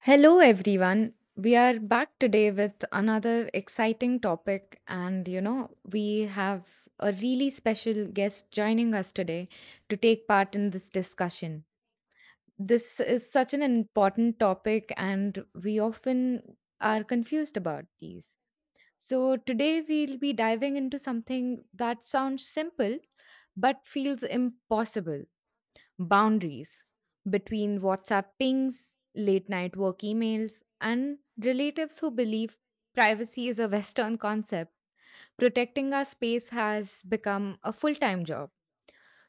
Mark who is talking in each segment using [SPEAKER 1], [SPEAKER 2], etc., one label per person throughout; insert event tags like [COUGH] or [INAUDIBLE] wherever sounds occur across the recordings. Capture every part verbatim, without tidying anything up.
[SPEAKER 1] Hello, everyone. We are back today with another exciting topic, and you know, we have a really special guest joining us today to take part in this discussion. This is such an important topic, and we often are confused about these. So, today we'll be diving into something that sounds simple but feels impossible boundaries between WhatsApp pings, late night work emails, and relatives who believe privacy is a Western concept. Protecting our space has become a full time job.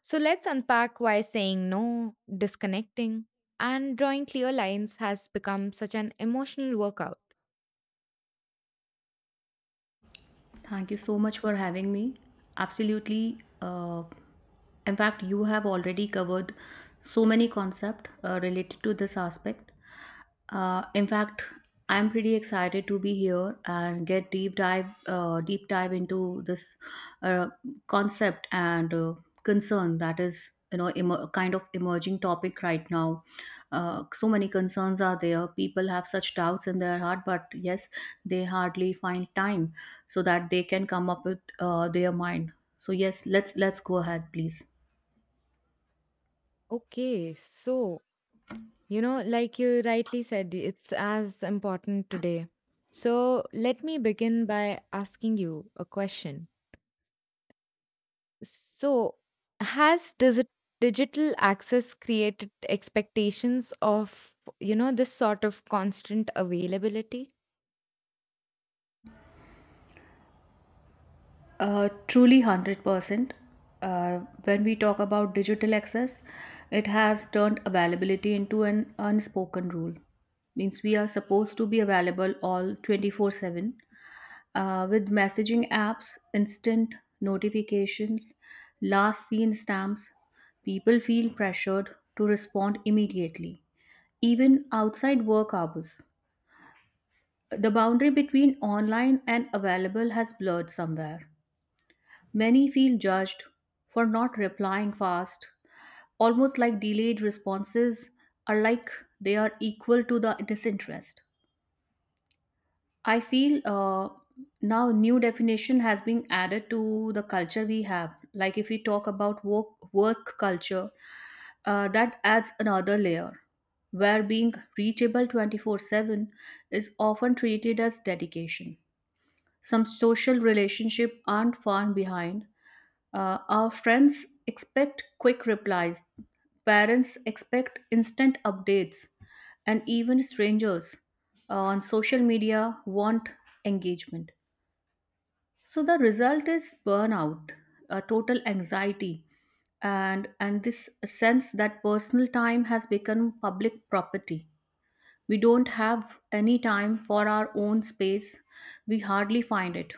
[SPEAKER 1] So let's unpack why saying no, disconnecting, and drawing clear lines has become such an emotional workout.
[SPEAKER 2] Thank you so much for having me. Absolutely. Uh, in fact, you have already covered so many concepts uh, related to this aspect. Uh, in fact, I'm pretty excited to be here and get deep dive uh, deep dive into this uh, concept and uh, concern that is you know emer- kind of emerging topic right now. Uh, so many concerns are there. People have such doubts in their heart, but yes, they hardly find time so that they can come up with uh, their mind. So yes, let's let's go ahead please.
[SPEAKER 1] Okay, so, you know, like you rightly said, it's as important today. So, let me begin by asking you a question. So, has digi- digital access created expectations of, you know, this sort of constant availability?
[SPEAKER 2] Uh, truly one hundred percent. uh, when we talk about digital access, it has turned availability into an unspoken rule. Means we are supposed to be available all twenty-four seven, uh, with messaging apps, instant notifications, last seen stamps. People feel pressured to respond immediately, even outside work hours. The boundary between online and available has blurred somewhere. Many feel judged for not replying fast, almost like delayed responses are like they are equal to the disinterest. I feel uh, now new definition has been added to the culture we have. Like if we talk about work work culture, uh, that adds another layer where being reachable twenty-four seven is often treated as dedication. Some social relationships aren't far behind. Uh, our friends expect quick replies, parents expect instant updates, and even strangers uh, on social media want engagement. So the result is burnout, a total anxiety, and and this sense that personal time has become public property. We don't have any time for our own space. We hardly find it.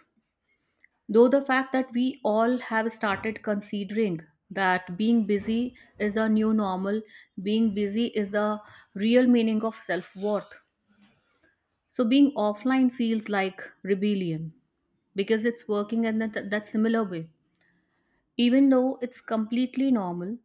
[SPEAKER 2] Though the fact that we all have started considering that being busy is the new normal, being busy is the real meaning of self worth. So being offline feels like rebellion because it's working in that, that similar way. Even though it's completely normal,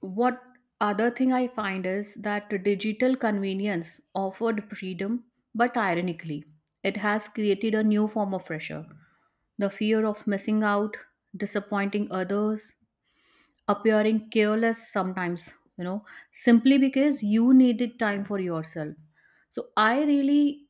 [SPEAKER 2] what other thing I find is that digital convenience offered freedom, but ironically, it has created a new form of pressure. The fear of missing out, disappointing others, appearing careless sometimes, you know, simply because you needed time for yourself. So I really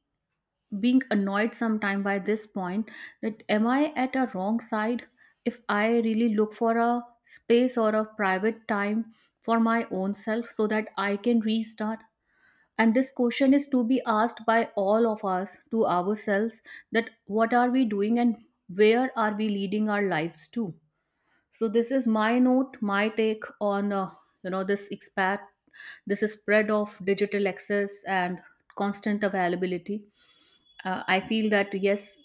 [SPEAKER 2] being annoyed sometime by this point, that am I at a wrong side if I really look for a space or a private time for my own self so that I can restart. And this question is to be asked by all of us to ourselves, that what are we doing and where are we leading our lives to. So this is my note, my take on uh, you know this expat, this is spread of digital access and constant availability. Uh, I feel that yes,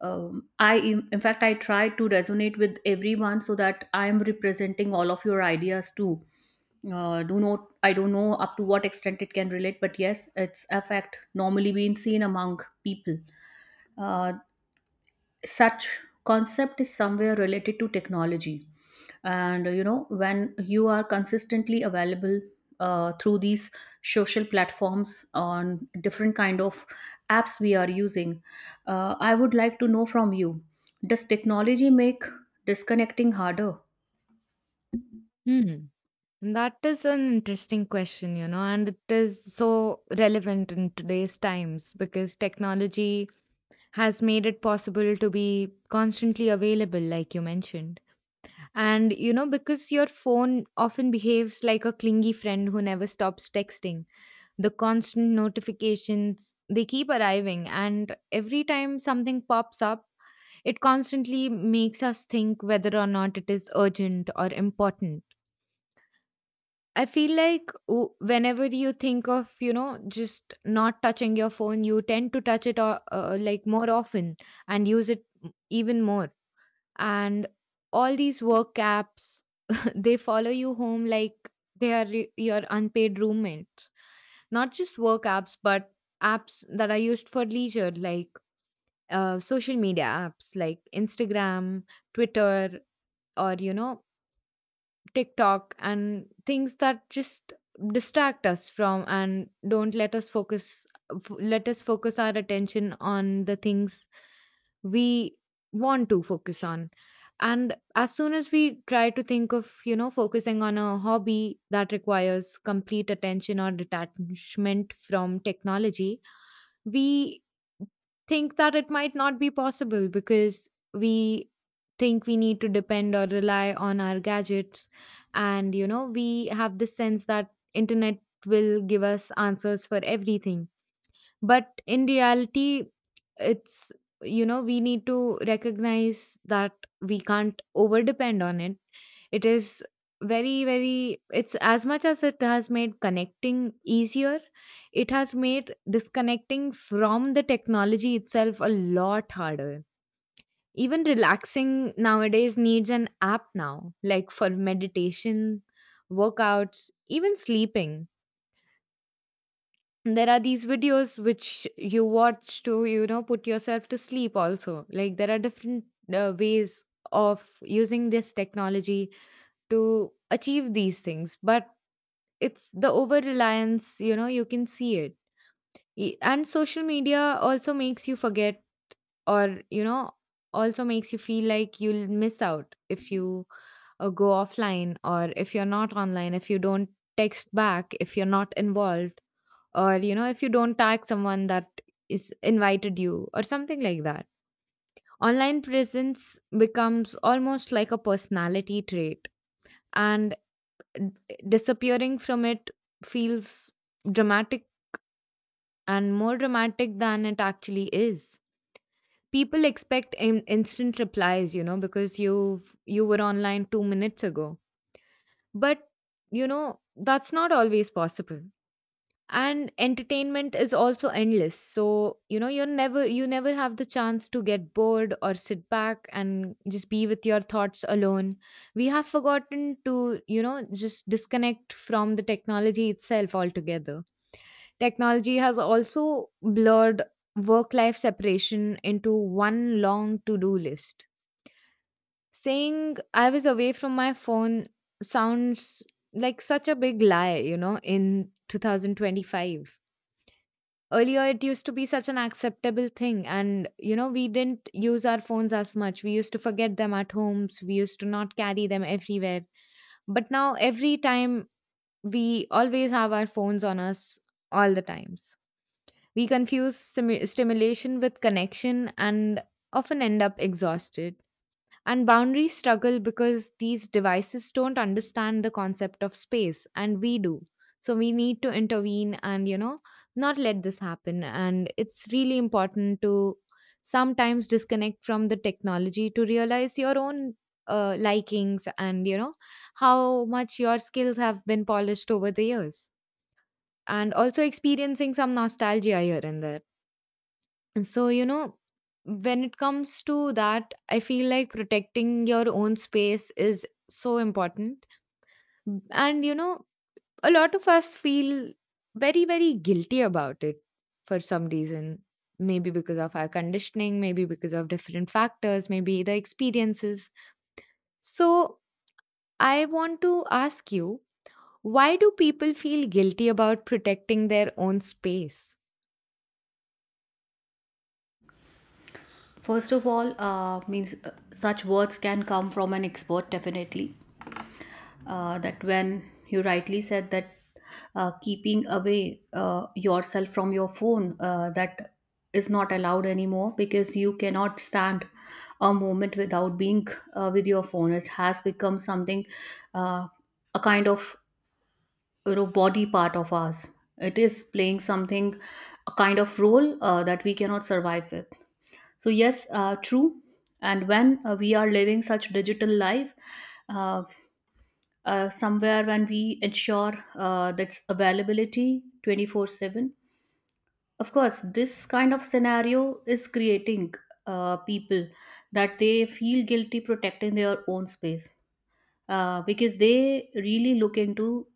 [SPEAKER 2] um, I in in fact I try to resonate with everyone so that I am representing all of your ideas too. Uh, do not I don't know up to what extent it can relate, but yes, its effect normally being seen among people. Uh, Such concept is somewhere related to technology. And uh, you know when you are consistently available uh, through these social platforms on different kind of apps we are using. uh, I would like to know from you, does technology make disconnecting harder?
[SPEAKER 1] Hmm. That is an interesting question, you know, and it is so relevant in today's times because technology has made it possible to be constantly available, like you mentioned. And, you know, because your phone often behaves like a clingy friend who never stops texting, the constant notifications they keep arriving and every time something pops up it constantly makes us think whether or not it is urgent or important. I feel like w- whenever you think of, you know just not touching your phone, you tend to touch it or, uh, like, more often and use it m- even more. And all these work apps, they follow you home like they are re- your unpaid roommates. Not just work apps but apps that are used for leisure like uh, social media apps like Instagram, Twitter, or you know TikTok, and things that just distract us from and don't let us focus, f- let us focus our attention on the things we want to focus on. And as soon as we try to think of, you know focusing on a hobby that requires complete attention or detachment from technology, we think that it might not be possible because we think we need to depend or rely on our gadgets. And you know we have this sense that internet will give us answers for everything, but in reality, it's you know we need to recognize that we can't over depend on it. It is very very it's as much as it has made connecting easier, it has made disconnecting from the technology itself a lot harder. Even relaxing nowadays needs an app now, like for meditation, workouts, even sleeping. There are these videos which you watch to, you know, put yourself to sleep also. Like, there are different uh, ways of using this technology to achieve these things, but it's the over reliance, you know, you can see it. E- And social media also makes you forget or, you know, also makes you feel like you'll miss out if you, or go offline, or if you're not online, if you don't text back, if you're not involved, or you know if you don't tag someone that is invited you or something like that. Online presence becomes almost like a personality trait, and d- disappearing from it feels dramatic, and more dramatic than it actually is. People expect in- instant replies, you know because you you were online 2 minutes ago. But, you know, that's not always possible. And entertainment is also endless. So, you know, you're never, you never have the chance to get bored or sit back and just be with your thoughts alone. We have forgotten to, you know, just disconnect from the technology itself altogether. Technology has also blurred work life separation into one long to-do list. Saying I was away from my phone sounds like such a big lie, you know, in twenty twenty-five. Earlier, it used to be such an acceptable thing, and you know, we didn't use our phones as much. We used to forget them at homes, we used to not carry them everywhere. But now, every time, we always have our phones on us, all the times. We confuse stimu- stimulation with connection and often end up exhausted. And boundaries struggle because these devices don't understand the concept of space, and we do. So we need to intervene and, you know, not let this happen. And it's really important to sometimes disconnect from the technology to realize your own uh, likings and, you know, how much your skills have been polished over the years. And also experiencing some nostalgia here and there. So, you know, when it comes to that, I feel like protecting your own space is so important. And, you know, a lot of us feel very, very guilty about it for some reason. Maybe because of our conditioning, maybe because of different factors, maybe the experiences. So, I want to ask you, why do people feel guilty about protecting their own space?
[SPEAKER 2] First of all uh, means uh, such words can come from an expert definitely. Uh, that when you rightly said that uh, keeping away uh, yourself from your phone, uh, that is not allowed anymore because you cannot stand a moment without being uh, with your phone. It has become something, uh, a kind of you know body part of us. It is playing something, a kind of role, uh, that we cannot survive with. So yes, uh, true. And when uh, we are living such digital life, uh, uh, somewhere when we ensure uh, that's availability twenty-four seven, of course this kind of scenario is creating uh, people that they feel guilty protecting their own space. Uh, because they really look into,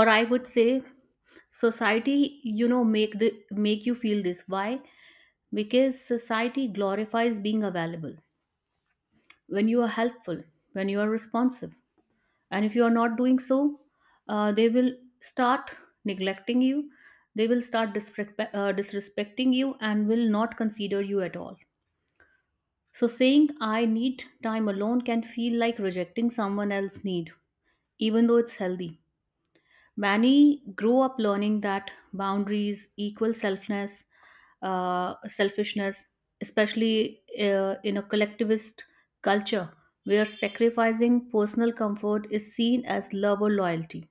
[SPEAKER 2] or I would say society you know make the make you feel this. Why? Because society glorifies being available when you are helpful, when you are responsive. And if you are not doing so, uh, they will start neglecting you. They will start disrespect, uh, disrespecting you and will not consider you at all. So saying I need time alone can feel like rejecting someone else's need, even though it's healthy. Many grow up learning that boundaries equal selfness uh, selfishness, especially uh, in a collectivist culture where sacrificing personal comfort is seen as love or loyalty.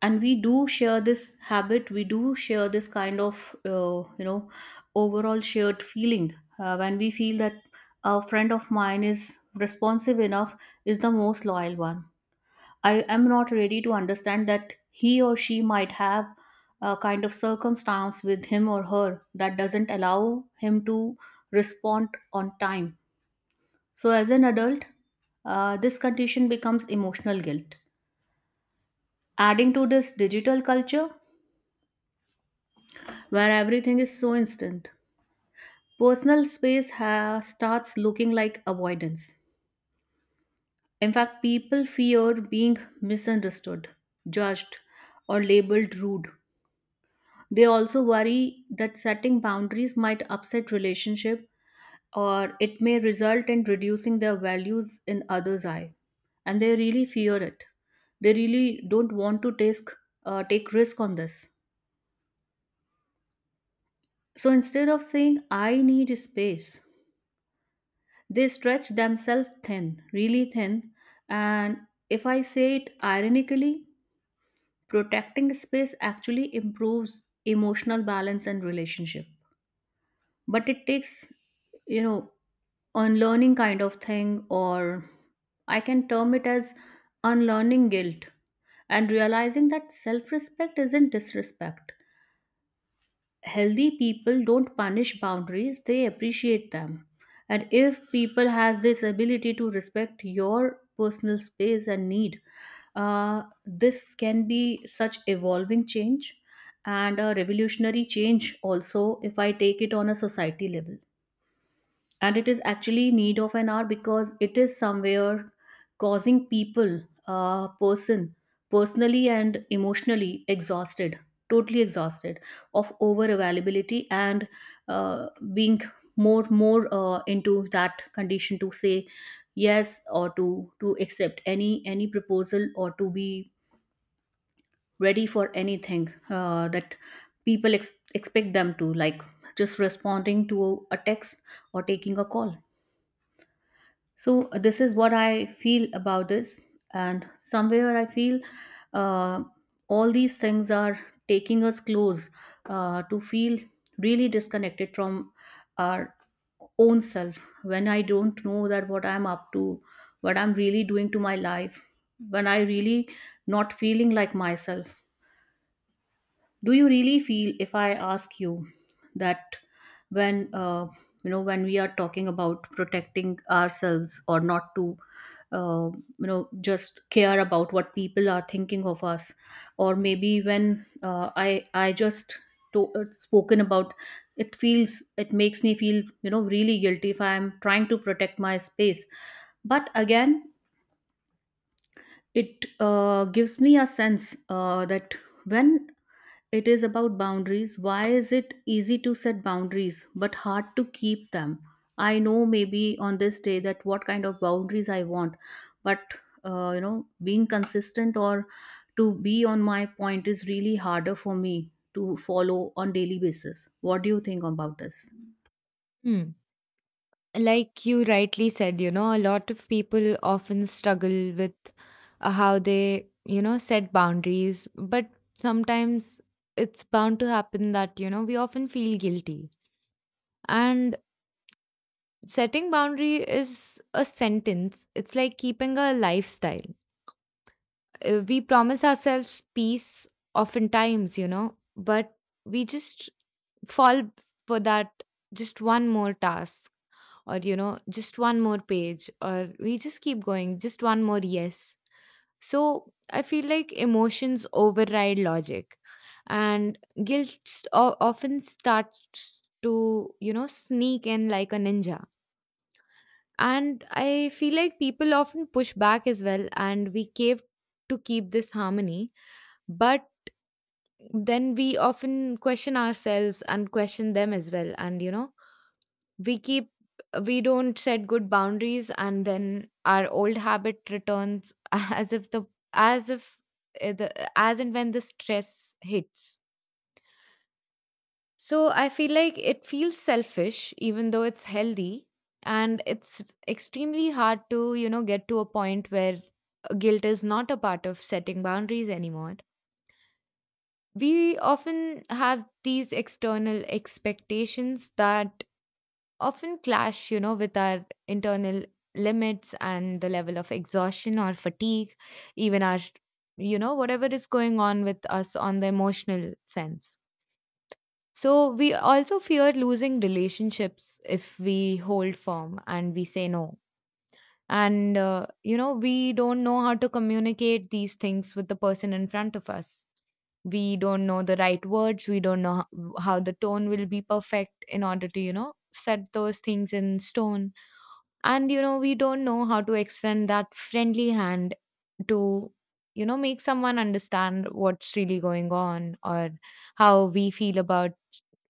[SPEAKER 2] And we do share this habit. We do share this kind of uh, you know overall shared feeling, uh, when we feel that a friend of mine is responsive enough, is the most loyal one. I am not ready to understand that he or she might have a kind of circumstance with him or her that doesn't allow him to respond on time. So as an adult, uh, this condition becomes emotional guilt. Adding to this digital culture where everything is so instant. Personal space ha- starts looking like avoidance. In fact, people fear being misunderstood, judged, or labeled rude. They also worry that setting boundaries might upset relationship, or it may result in reducing their values in others' eye. And they really fear it. They really don't want to take, uh, take risk on this. So instead of saying, I need space, they stretch themselves thin, really thin, and if I say it ironically, protecting space actually improves emotional balance and relationship. But it takes, you know, unlearning kind of thing, or I can term it as unlearning guilt and realizing that self respect isn't disrespect. Healthy people don't punish boundaries, they appreciate them. And if people has this ability to respect your personal space and need, uh, this can be such evolving change, and a revolutionary change also if I take it on a society level. And it is actually need of an hour, because it is somewhere causing people uh, person personally and emotionally exhausted, totally exhausted of over availability, and uh, being more more uh, into that condition to say yes, or to to accept any any proposal, or to be ready for anything uh, that people ex- expect them to, like just responding to a text, or taking a call. So uh, this is what I feel about this. And somewhere I feel uh, all these things are taking us close uh, to feel really disconnected from our own self. When I don't know that what I'm up to, what I'm really doing to my life, when I really not feeling like myself. Do you really feel, if I ask you, that when uh, you know when we are talking about protecting ourselves, or not to uh, you know just care about what people are thinking of us, or maybe when uh, i i just to, uh, spoken about it, feels it makes me feel you know really guilty if I am trying to protect my space. But again, it uh, gives me a sense uh, that when it is about boundaries. Why is it easy to set boundaries but hard to keep them? I know maybe on this day that what kind of boundaries I want, but uh, you know, being consistent or to be on my point is really harder for me to follow on daily basis. What do you think about this?
[SPEAKER 1] Like you rightly said, you know, a lot of people often struggle with, uh, how they, you know, set boundaries, but sometimes it's bound to happen that, you know, we often feel guilty. And setting boundary is a sentence. It's like keeping a lifestyle. Uh, We promise ourselves peace oftentimes, you know, but we just fall for that just one more task, or you know just one more page, or we just keep going just one more yes. So I feel like emotions override logic, and guilt st- o- often starts to, you know sneak in like a ninja. And I feel like people often push back as well, and we cave to keep this harmony. But then we often question ourselves and question them as well, and you know we keep, we don't set good boundaries, and then our old habit returns [LAUGHS] as if the, as if uh, the, as and when the stress hits. So I feel like it feels selfish even though it's healthy, and it's extremely hard to, you know get to a point where uh, guilt is not a part of setting boundaries anymore. We often have these external expectations that often clash, you know, with our internal limits and the level of exhaustion or fatigue, even our, you know, whatever is going on with us on the emotional sense. So we also fear losing relationships if we hold firm and we say no. And, uh, you know, we don't know how to communicate these things with the person in front of us. We don't know the right words, we don't know how, how the tone will be perfect in order to, you know set those things in stone. And you know we don't know how to extend that friendly hand to, you know make someone understand what's really going on, or how we feel about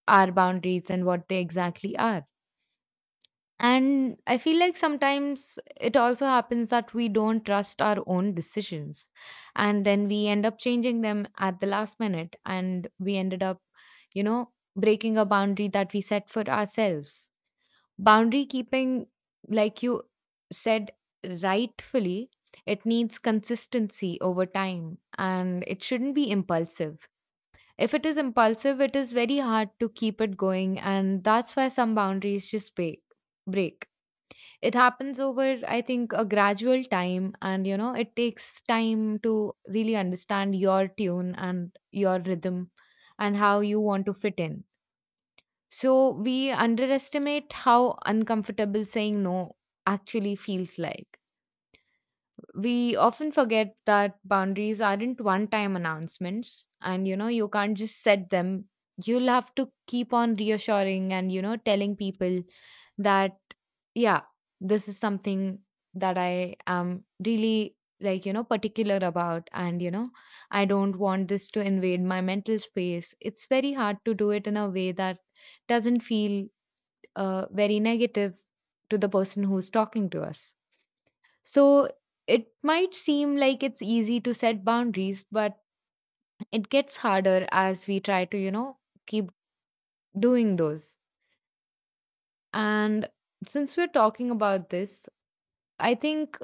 [SPEAKER 1] our boundaries and what they exactly are. And I feel like sometimes it also happens that we don't trust our own decisions, and then we end up changing them at the last minute, and we ended up, you know breaking a boundary that we set for ourselves. Boundary keeping, like you said rightfully, it needs consistency over time and it shouldn't be impulsive. If it is impulsive, it is very hard to keep it going, and that's why some boundaries just break. break. It happens over, I think, a gradual time, and you know, it takes time to really understand your tune and your rhythm and how you want to fit in. So we underestimate how uncomfortable saying no actually feels like. We often forget that boundaries aren't one time announcements, and you know you can't just set them. You'll have to keep on reassuring and you know telling people that, yeah, this is something that I am really, like, you know particular about. And you know I don't want this to invade my mental space. It's very hard to do it in a way that doesn't feel uh, very negative to the person who's talking to us. So it might seem like it's easy to set boundaries, but it gets harder as we try to, you know, keep doing those. And since we're talking about this, I think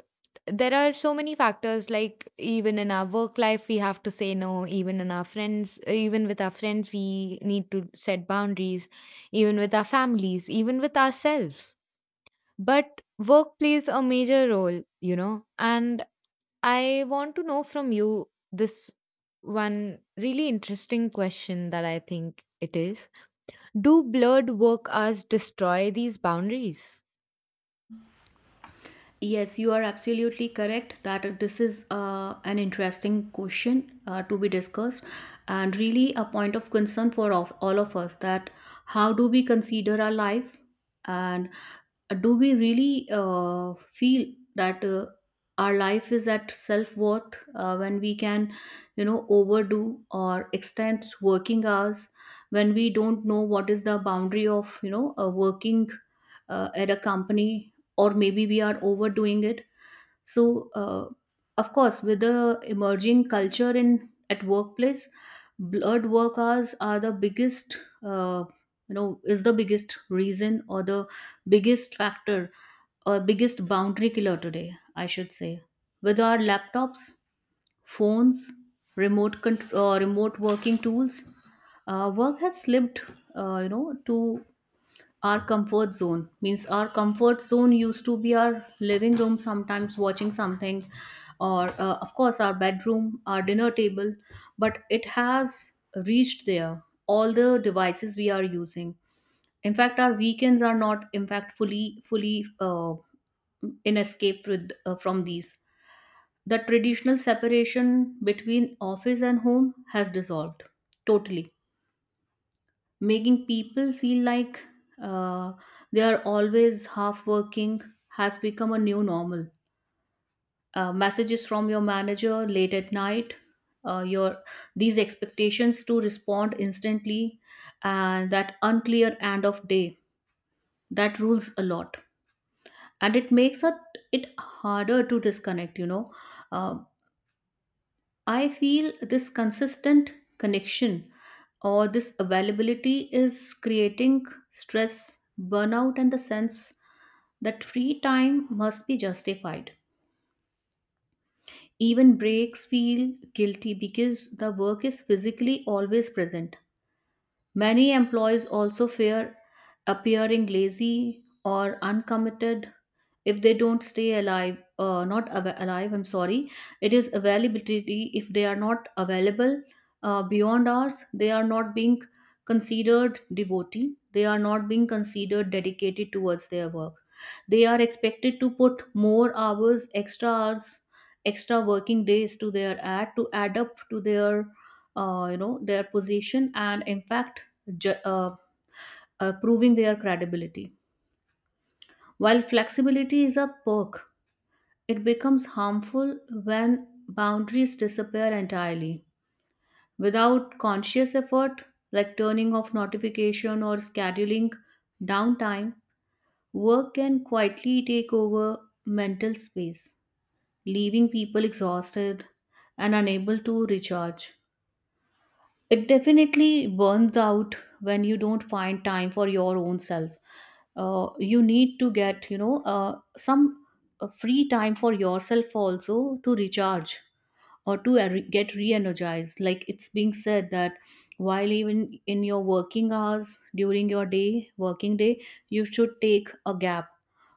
[SPEAKER 1] there are so many factors, like even in our work life we have to say no, even in our friends, even with our friends we need to set boundaries, even with our families, even with ourselves. But work plays a major role, you know and I want to know from you this one really interesting question that I think it is, do blurred work hours destroy these boundaries?
[SPEAKER 2] Yes, you are absolutely correct that this is uh, an interesting question uh, to be discussed, and really a point of concern for of, all of us, that how do we consider our life. And uh, do we really uh, feel that uh, our life is at self-worth, uh, when we can you know overdo or extend working hours, when we don't know what is the boundary of you know uh, working uh, at a company, or maybe we are overdoing it. So uh, of course with the emerging culture in at workplace, blurred work hours are the biggest, uh, you know is the biggest reason, or the biggest factor, or biggest boundary killer today, I should say. With our laptops, phones, remote control uh, remote working tools, uh, work has slipped, uh, you know, to our comfort zone. Means our comfort zone used to be our living room, sometimes watching something, or uh, of course our bedroom, our dinner table. But it has reached there, all the devices we are using. In fact, our weekends are not in fact fully fully uh, in escape with, uh, from these. The traditional separation between office and home has dissolved totally, making people feel like uh, they are always half working. Has become a new normal. Uh, messages from your manager late at night, uh, your these expectations to respond instantly, and that unclear end of day that rules a lot, and it makes it it harder to disconnect. You know, Um I feel this consistent connection or this availability is creating stress, burnout, and the sense that free time must be justified. Even breaks feel guilty because the work is physically always present. Many employees also fear appearing lazy or uncommitted if they don't stay alive uh, not av- alive I'm sorry, it is availability. If they are not available uh, beyond hours, they are not being considered devotee, they are not being considered dedicated towards their work. They are expected to put more hours, extra hours, extra working days to their ad to add up to their uh, you know their position and in fact ju- uh, uh, proving their credibility. While flexibility is a perk, it becomes harmful when boundaries disappear entirely. Without conscious effort, like turning off notification or scheduling downtime, work can quietly take over mental space, leaving people exhausted and unable to recharge. It definitely burns out when you don't find time for your own self. Uh, you need to get you know uh, some uh, free time for yourself also to recharge or to re- get re-energized. Like it's being said that while even in your working hours, during your day, working day, you should take a gap.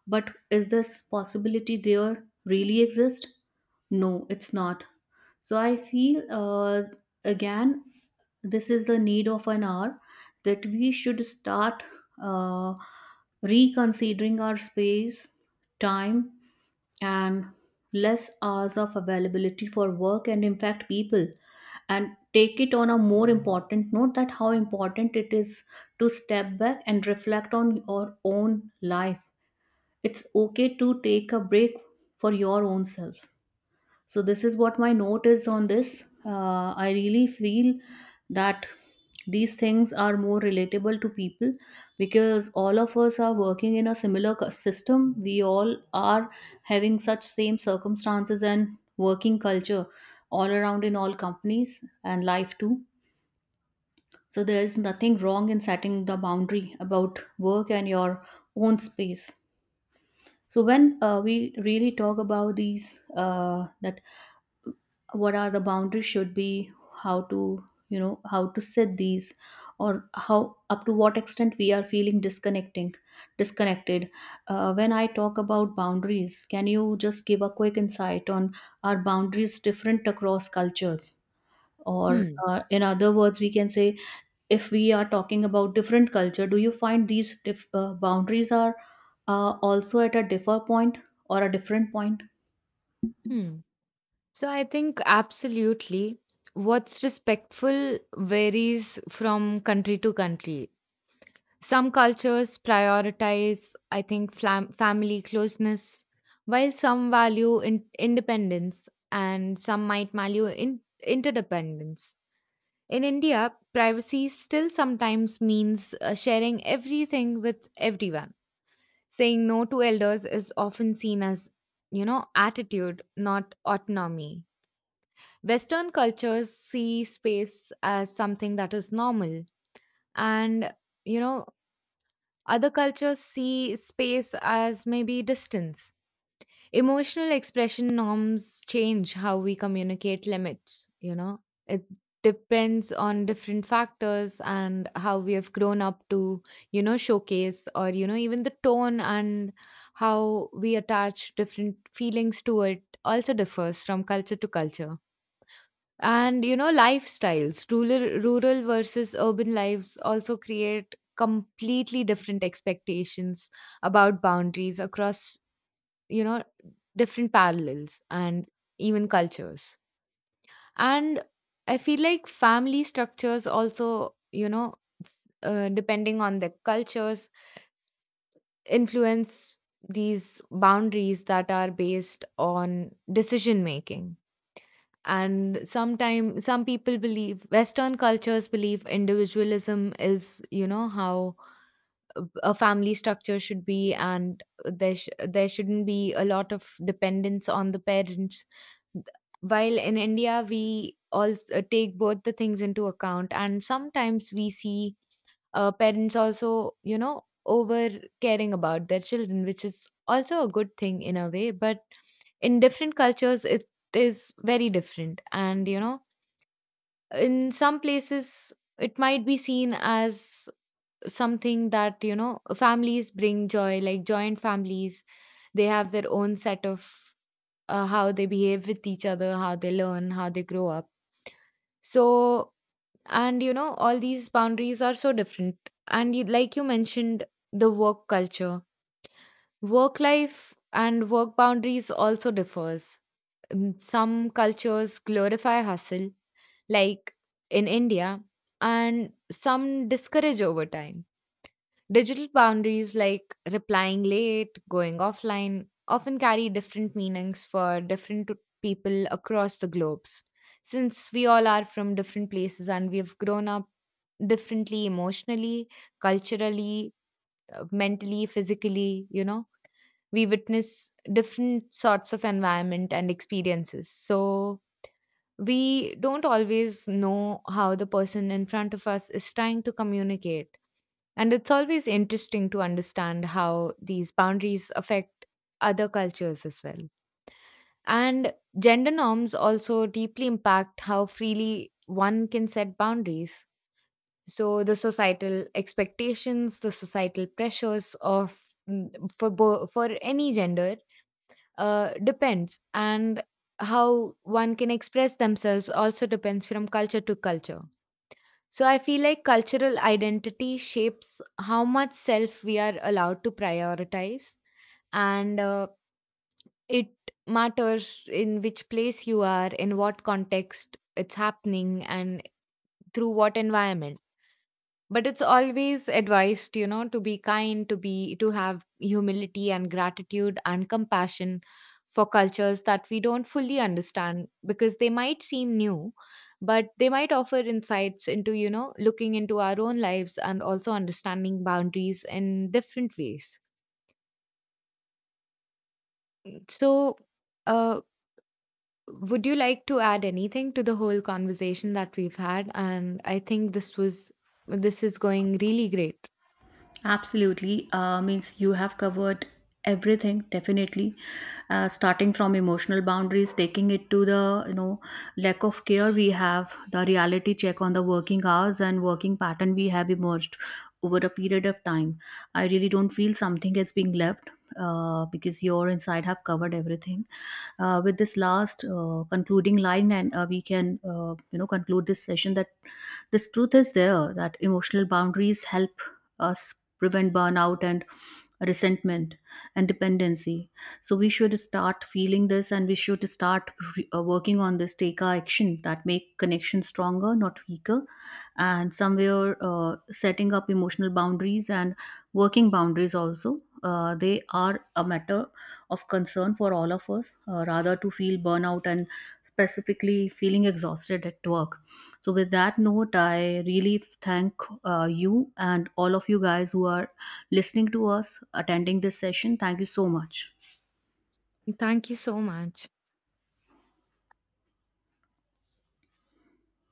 [SPEAKER 2] But is this possibility there, really exist? No, it's not. So I feel, uh, again, this is the need of an hour, that we should start uh, reconsidering our space, time, and less hours of availability for work, and in fact people, and take it on a more important note, that how important it is to step back and reflect on your own life. It's okay to take a break for your own self. So this is what my note is on this. Uh, I really feel that these things are more relatable to people because all of us are working in a similar cu- system. We all are having such same circumstances and working culture all around in all companies and life too. So there is nothing wrong in setting the boundary about work and your own space. So when uh, we really talk about these, uh, that what are the boundaries should be, how to, you know, how to set these, or how up to what extent we are feeling disconnecting disconnected. Uh, when I talk about boundaries, can you just give a quick insight on, are boundaries different across cultures? Or
[SPEAKER 1] Hmm.
[SPEAKER 2] uh, in other words we can say, if we are talking about different culture, do you find these dif- uh, boundaries are uh, also at a differ point or a different point?
[SPEAKER 1] Hmm. So I think absolutely what's respectful varies from country to country. Some cultures prioritize, I think, flam- family closeness, while some value in- independence, and some might value in- interdependence. In India, privacy still sometimes means uh, sharing everything with everyone. Saying no to elders is often seen as, you know, attitude, not autonomy. Western cultures see space as something that is normal. And, you know, other cultures see space as maybe distance. Emotional expression norms change how we communicate limits, you know. It depends on different factors and how we have grown up to, you know, showcase or, you know, even the tone, and how we attach different feelings to it also differs from culture to culture. And you know, lifestyles, rural, rural versus urban lives, also create completely different expectations about boundaries across, you know, different parallels and even cultures. And I feel like family structures also, you know, s- uh, depending on the cultures, influence these boundaries that are based on decision making. And sometime some people believe western cultures believe individualism is, you know how a family structure should be, and there, sh- there shouldn't be a lot of dependence on the parents, while in India we all take both the things into account. And sometimes we see uh, parents also, you know over caring about their children, which is also a good thing in a way, but in different cultures it is very different. And you know in some places it might be seen as something that, you know families bring joy, like joint families, they have their own set of, uh, how they behave with each other, how they learn, how they grow up. So, and you know all these boundaries are so different. And you, like you mentioned, the work culture, work life and work boundaries also differs. Mm, some cultures glorify hustle like in India, and some discourage over time. Digital boundaries like replying late, going offline, often carry different meanings for different people across the globes. Since we all are from different places and we've grown up differently emotionally, culturally, uh, mentally, physically, you know, we witness different sorts of environment and experiences. So, we don't always know how the person in front of us is trying to communicate. And it's always interesting to understand how these boundaries affect other cultures as well. And gender norms also deeply impact how freely one can set boundaries. So the societal expectations, the societal pressures of mm, for bo- for any gender uh, depends, and how one can express themselves also depends from culture to culture. So I feel like cultural identity shapes how much self we are allowed to prioritize. And uh, it matters in which place you are, in what context it's happening, and through what environment. But it's always advised, you know to be kind, to be, to have humility and gratitude and compassion for cultures that we don't fully understand because they might seem new, but they might offer insights into, you know looking into our own lives and also understanding boundaries in different ways. So, uh would you like to add anything to the whole conversation that we've had? And I think this was, this is going really great.
[SPEAKER 2] Absolutely. Uh, means you have covered everything, definitely, uh, starting from emotional boundaries, taking it to the, you know, lack of care. We have the reality check on the working hours and working pattern we have emerged over a period of time. I really don't feel something is being left, uh, because your inside have covered everything. Uh, with this last uh, concluding line, and uh, we can, uh, you know conclude this session, that this truth is there, that emotional boundaries help us prevent burnout and resentment and dependency. So we should start feeling this and we should start re- uh, working on this, take our action that make connection stronger, not weaker. And somewhere, uh, setting up emotional boundaries and working boundaries also, uh, they are a matter of concern for all of us, uh, rather to feel burnout and specifically feeling exhausted at work. So, with that note, I really thank uh, you and all of you guys who are listening to us, attending this session. Thank you so much.
[SPEAKER 1] Thank you so much.